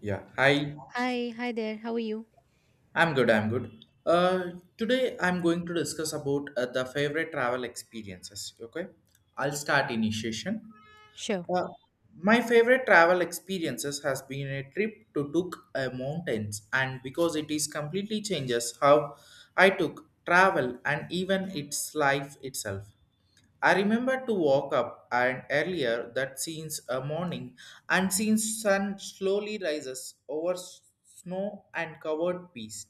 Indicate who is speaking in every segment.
Speaker 1: Yeah, hi.
Speaker 2: Hi, hi there. How are you?
Speaker 1: I'm good. I'm good. Uh, Today I'm going to discuss about the favorite travel experiences. Okay, I'll start initiation.
Speaker 2: Sure.
Speaker 1: Uh, my favorite travel experiences has been a trip to Took Mountains, and because it is completely changes how I took travel and even its life itself. I remember to walk up and earlier that since a morning and since sun slowly rises over snow and covered peaks.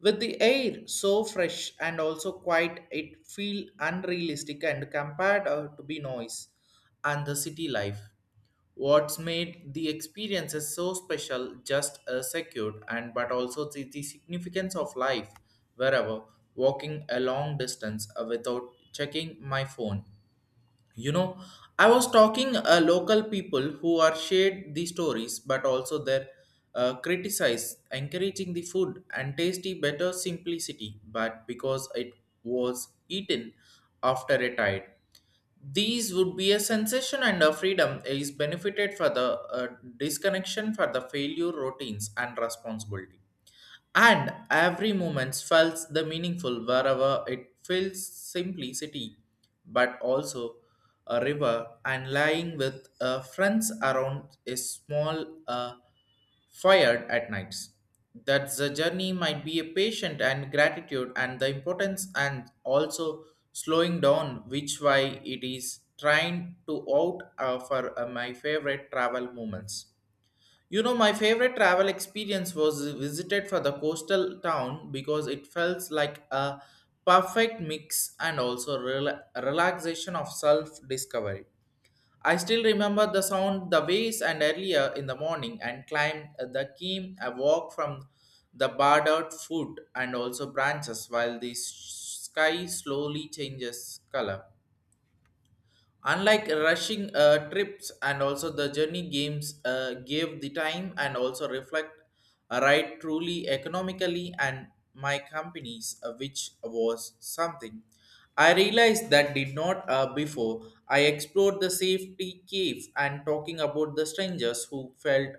Speaker 1: With the air so fresh and also quiet, it feel unrealistic and compared to be noise and the city life. What's made the experiences so special, just secured, and but also the significance of life wherever walking a long distance without checking my phone you know, I was talking local people who are shared the stories, but also their criticize, encouraging the food and tasty better simplicity, but because it was eaten after a tide. These would be a sensation and a freedom is benefited for the disconnection for the failure routines and responsibility and every moment felt the meaningful wherever it feels simplicity, but also a river and lying with friends around a small fire at nights. That the journey might be a patient and gratitude and the importance and also slowing down, which why it is trying to out for my favorite travel moments. You know, my favorite travel experience was visited for the coastal town because it felt like a perfect mix and also relaxation of self-discovery. I still remember the sound, the waves, and earlier in the morning, and climbed the keen a walk from the barred out foot and also branches while the sky slowly changes color. Unlike rushing trips and also the journey games gave the time and also reflect a right truly economically and my companies which was something. I realized that did not before. I explored the safety cave and talking about the strangers who felt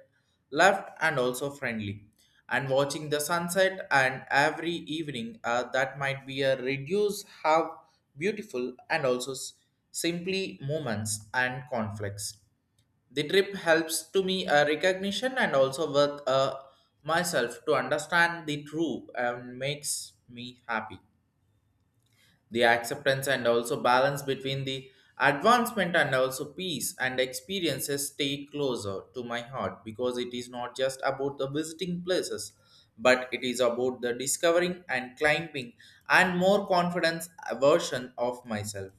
Speaker 1: loved and also friendly and watching the sunset and every evening that might be a reduce how beautiful and also simply moments and conflicts the trip helps to me a recognition and also with myself to understand the true and makes me happy the acceptance and also balance between the advancement and also peace and experiences stay closer to my heart because it is not just about the visiting places but it is about the discovering and climbing and more confidence version of myself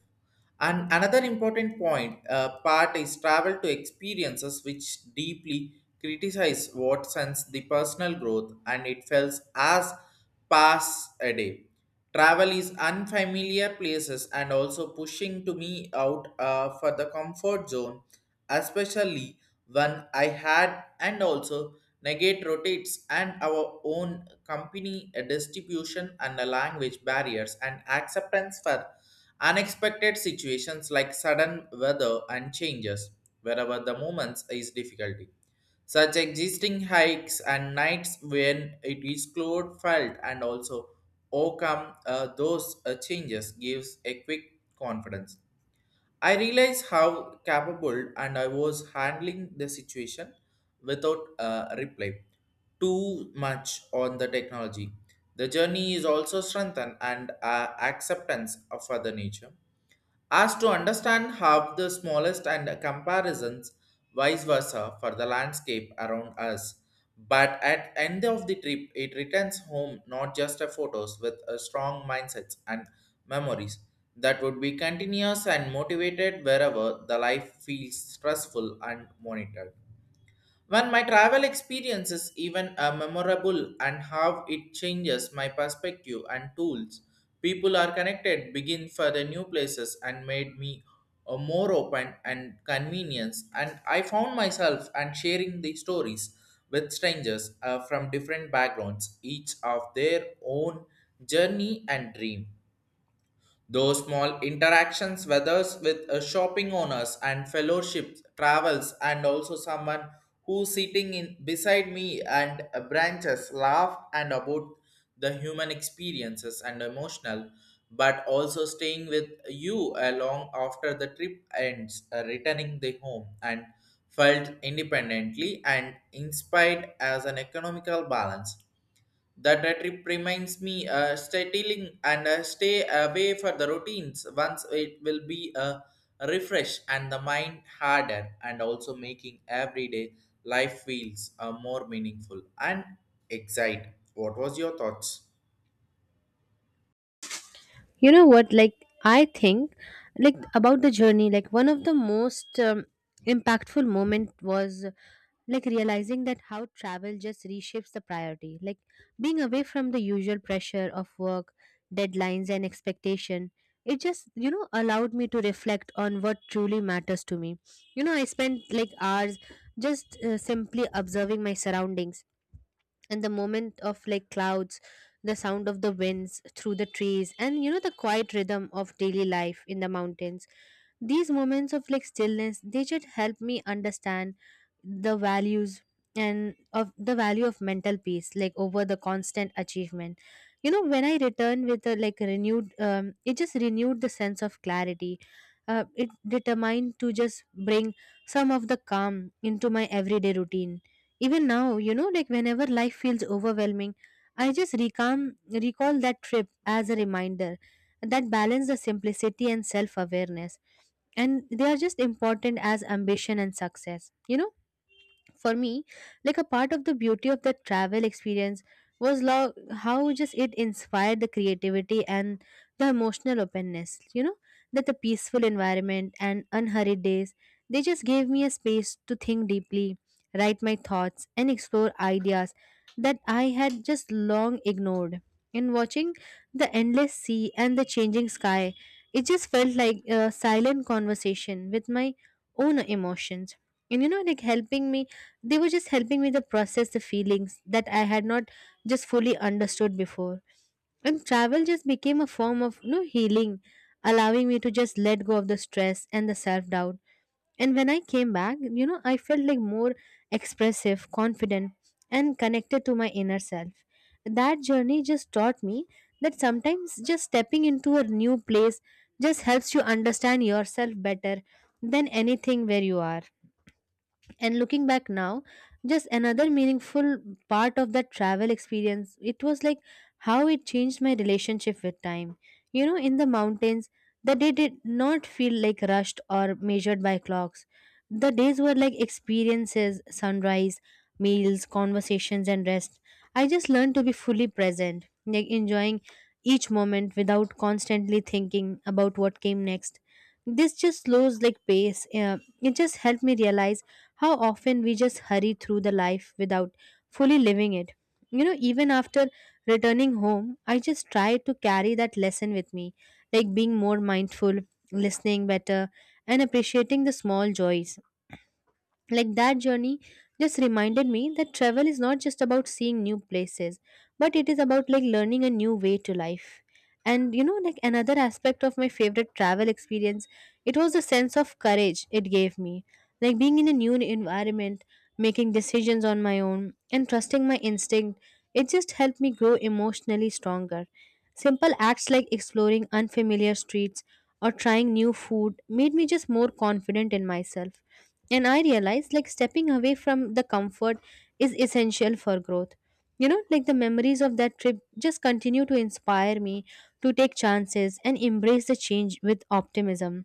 Speaker 1: and another important point part is travel to experiences which deeply criticize what sense the personal growth and it feels as pass a day. Travel is unfamiliar places and also pushing to me out for the comfort zone, especially when I had and also negate rotates and our own company distribution and the language barriers and acceptance for unexpected situations like sudden weather and changes wherever the moments is difficulty. Such existing hikes and nights when it is cloud felt and also overcome those changes gives a quick confidence. I realized how capable and I was handling the situation without reply too much on the technology. The journey is also strengthened and acceptance of other nature as to understand how the smallest and comparisons vice versa for the landscape around us but at end of the trip it returns home not just a photos with a strong mindsets and memories that would be continuous and motivated wherever the life feels stressful and monitored when my travel experience is even a memorable and how it changes my perspective and tools, people are connected, begin for the new places and made me a more open and convenience. And I found myself and sharing the stories with strangers from different backgrounds, each of their own journey and dream. Those small interactions, whether with shopping owners and fellowships, travels, and also someone who's sitting in beside me and branches, laugh and about the human experiences and emotional, but also staying with you along after the trip ends, returning the home and felt independently and inspired as an economical balance that trip reminds me stealing and stay away for the routines once it will be a refresh and the mind hardened and also making everyday life feels more meaningful and excite. What was your thoughts?
Speaker 2: You know what? I think, about the journey, like, one of the most impactful moment was like realizing that how travel just reshapes the priority. Like, being away from the usual pressure of work, deadlines, and expectation, it just, you know, allowed me to reflect on what truly matters to me. You know, I spent like hours just simply observing my surroundings and the moment of like clouds, the sound of the winds through the trees, and you know the quiet rhythm of daily life in the mountains. These moments of like stillness, they should help me understand the values and of the value of mental peace like over the constant achievement. You know, when I return with a like renewed, it just renewed the sense of clarity. It determined to just bring some of the calm into my everyday routine. Even now, you know, like whenever life feels overwhelming, I just recall that trip as a reminder that balance, the simplicity, and self awareness, and they are just important as ambition and success, you know. For me, like a part of the beauty of that travel experience was how just it inspired the creativity and the emotional openness, you know, that the peaceful environment and unhurried days, they just gave me a space to think deeply, write my thoughts, and explore ideas that I had just long ignored. In watching the endless sea and the changing sky, it just felt like a silent conversation with my own emotions, and you know, like helping me they were just helping me to process the feelings that I had not just fully understood before. And travel just became a form of, you know, healing, allowing me to just let go of the stress and the self doubt. And when I came back, you know, I felt like more expressive, confident, and connected to my inner self. That journey just taught me that sometimes just stepping into a new place just helps you understand yourself better than anything where you are. And looking back now, just another meaningful part of that travel experience, it was like how it changed my relationship with time. You know, in the mountains, the day did not feel like rushed or measured by clocks. The days were like experiences, sunrise, meals, conversations, and rest. I just learned to be fully present, like enjoying each moment without constantly thinking about what came next. This just slows like pace. It just helped me realize how often we just hurry through the life without fully living it. You know, even after returning home, I just try to carry that lesson with me, like being more mindful, listening better, and appreciating the small joys. Like that journey just reminded me that travel is not just about seeing new places, but it is about like learning a new way to life. And you know, like another aspect of my favorite travel experience, it was the sense of courage it gave me. Like being in a new environment, making decisions on my own, and trusting my instinct, it just helped me grow emotionally stronger. Simple acts like exploring unfamiliar streets or trying new food made me just more confident in myself. And I realized, like stepping away from the comfort is essential for growth, you know, like the memories of that trip just continue to inspire me to take chances and embrace the change with optimism.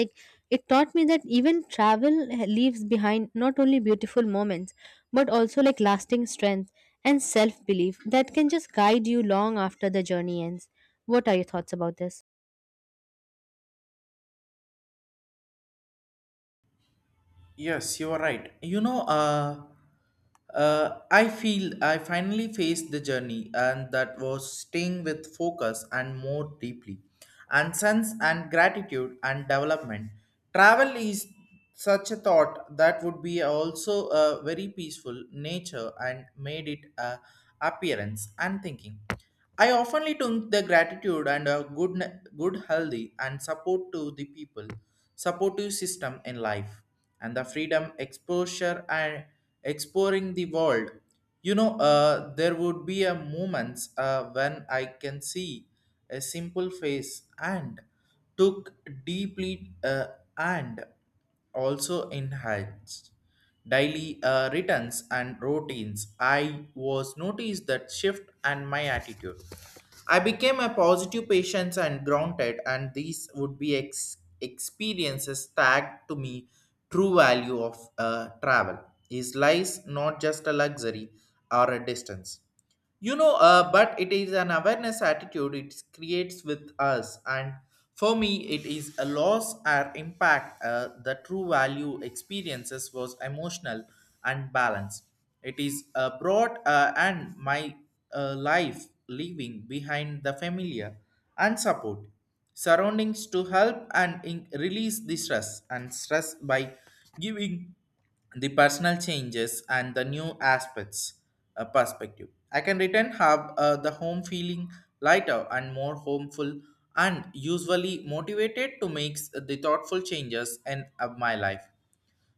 Speaker 2: Like, it taught me that even travel leaves behind not only beautiful moments but also like lasting strength and self belief that can just guide you long after the journey ends. What are your thoughts about this?
Speaker 1: Yes, you are right. I feel I finally faced the journey, and that was staying with focus and more deeply, and sense and gratitude and development. Travel is such a thought that would be also a very peaceful nature and made it a appearance and thinking. I oftenly took the gratitude and a good, healthy and support to the people, supportive system in life and the freedom exposure and exploring the world. You know, there would be a moments when I can see a simple face and took deeply and also enhanced daily returns and routines, I was noticed that shift and my attitude. I became a positive patient and grounded, and these would be experiences tagged to me true value of travel. Is lies not just a luxury or a distance? You know, but it is an awareness attitude it creates with us and for me it is a loss or impact the true value experiences was emotional and balance. It is brought and my life leaving behind the familiar and support surroundings to help and release the stress and stress by giving the personal changes and the new aspects perspective. I can return have the home feeling lighter and more homeful and usually motivated to make the thoughtful changes in my life.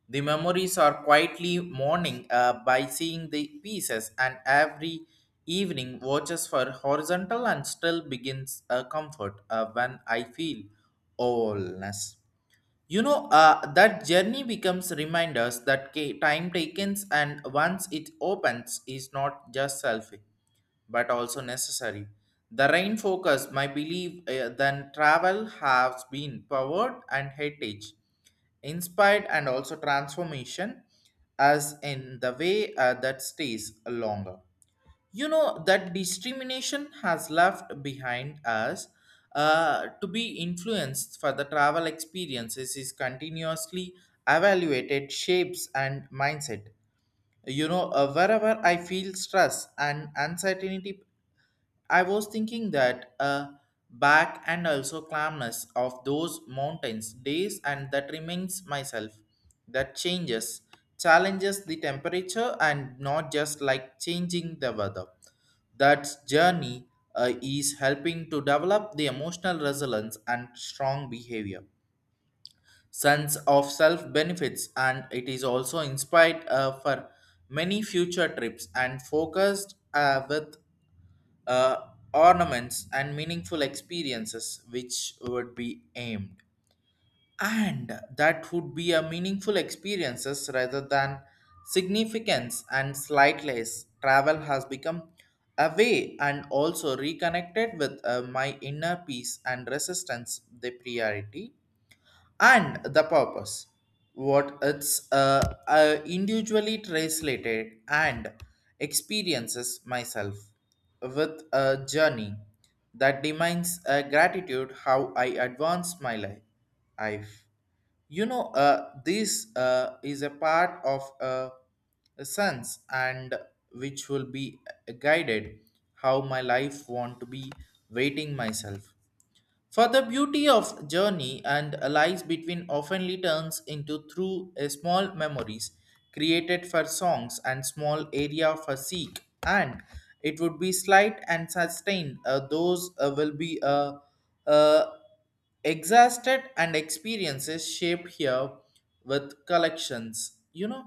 Speaker 1: The memories are quietly mourning by seeing the pieces and every evening watches for horizontal and still begins a comfort when I feel allness. You know, that journey becomes reminders that time taken and once it opens is not just selfish, but also necessary. The rain focus, my belief, then travel has been powered and heritage, inspired and also transformation, as in the way that stays longer. You know that discrimination has left behind us to be influenced for the travel experiences is continuously evaluated shapes and mindset. You know, wherever I feel stress and uncertainty I was thinking that back and also calmness of those mountains days and that reminds myself that changes challenges the temperature and not just like changing the weather that journey is helping to develop the emotional resilience and strong behavior sense of self benefits and it is also inspired for many future trips and focused with ornaments and meaningful experiences which would be aimed and that would be a meaningful experiences rather than significance and slightless travel has become a way and also reconnected with my inner peace and resistance the priority and the purpose what it's individually translated and experiences myself with a journey that demands gratitude how I advance my life. I've, you know This is a part of a sense and which will be guided how my life want to be waiting myself for the beauty of journey and lies between oftenly turns into through a small memories created for songs and small area for seek and it would be slight and sustained those will be uh, exhausted and experiences shaped here with collections. You know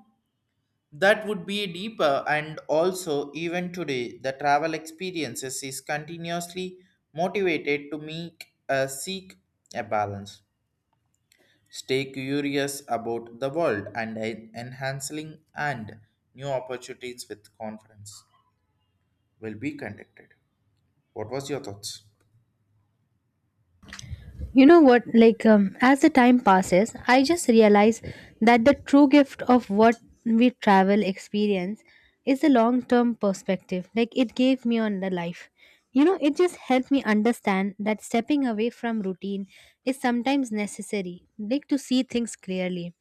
Speaker 1: that would be deeper, and also, even today, the travel experiences is continuously motivated to make seek a balance, stay curious about the world, and enhancing and new opportunities with confidence will be conducted. What was your thoughts?
Speaker 2: You know what? As the time passes, I just realize that the true gift of what we travel experience is the long term perspective, like it gave me on the life. You know, it just helped me understand that stepping away from routine is sometimes necessary, like to see things clearly,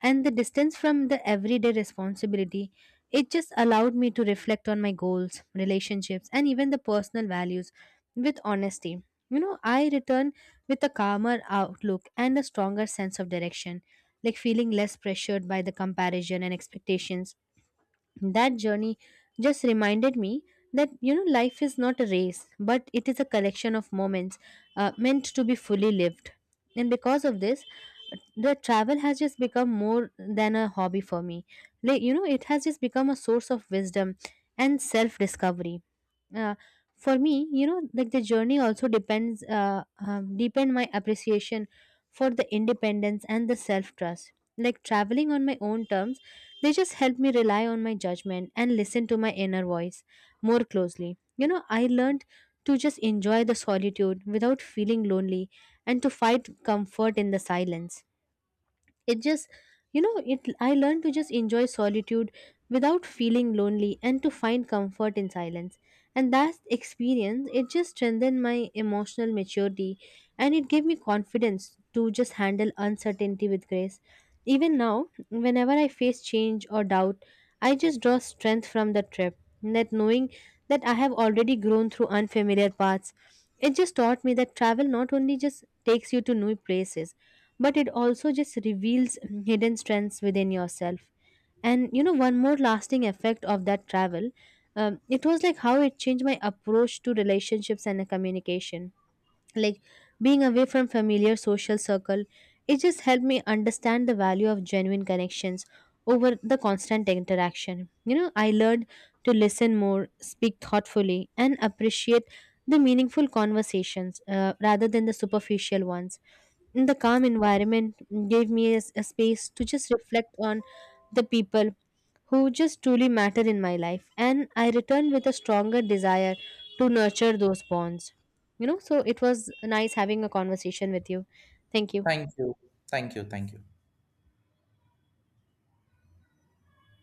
Speaker 2: and the distance from the everyday responsibility, it just allowed me to reflect on my goals, relationships, and even the personal values with honesty. You know, I return with a calmer outlook and a stronger sense of direction, like feeling less pressured by the comparison and expectations. That journey just reminded me that, you know, life is not a race, but it is a collection of moments meant to be fully lived. And because of this, the travel has just become more than a hobby for me. Like, you know, it has just become a source of wisdom and self discovery uh, for me, you know, like the journey also depends deepen my appreciation for the independence and the self trust. Like traveling on my own terms, they just help me rely on my judgment and listen to my inner voice more closely. You know, I learned to just enjoy the solitude without feeling lonely and to find comfort in the silence. It just you know it I learned to just enjoy solitude without feeling lonely and to find comfort in silence. And that experience, it just strengthened my emotional maturity, and it gave me confidence to just handle uncertainty with grace. Even now, whenever I face change or doubt, I just draw strength from the trip, that knowing that I have already grown through unfamiliar paths. It just taught me that travel not only just takes you to new places, but it also just reveals hidden strengths within yourself. And you know, one more lasting effect of that travel, it was like how it changed my approach to relationships and communication. Like being away from familiar social circle, it just helped me understand the value of genuine connections over the constant interaction. You know, I learned to listen more, speak thoughtfully, and appreciate the meaningful conversations, rather than the superficial ones. In the calm environment gave me a space to just reflect on the people who just truly matter in my life. And I returned with a stronger desire to nurture those bonds. You know, so it was nice having a conversation with you. Thank you.
Speaker 1: Thank you, thank you, thank you.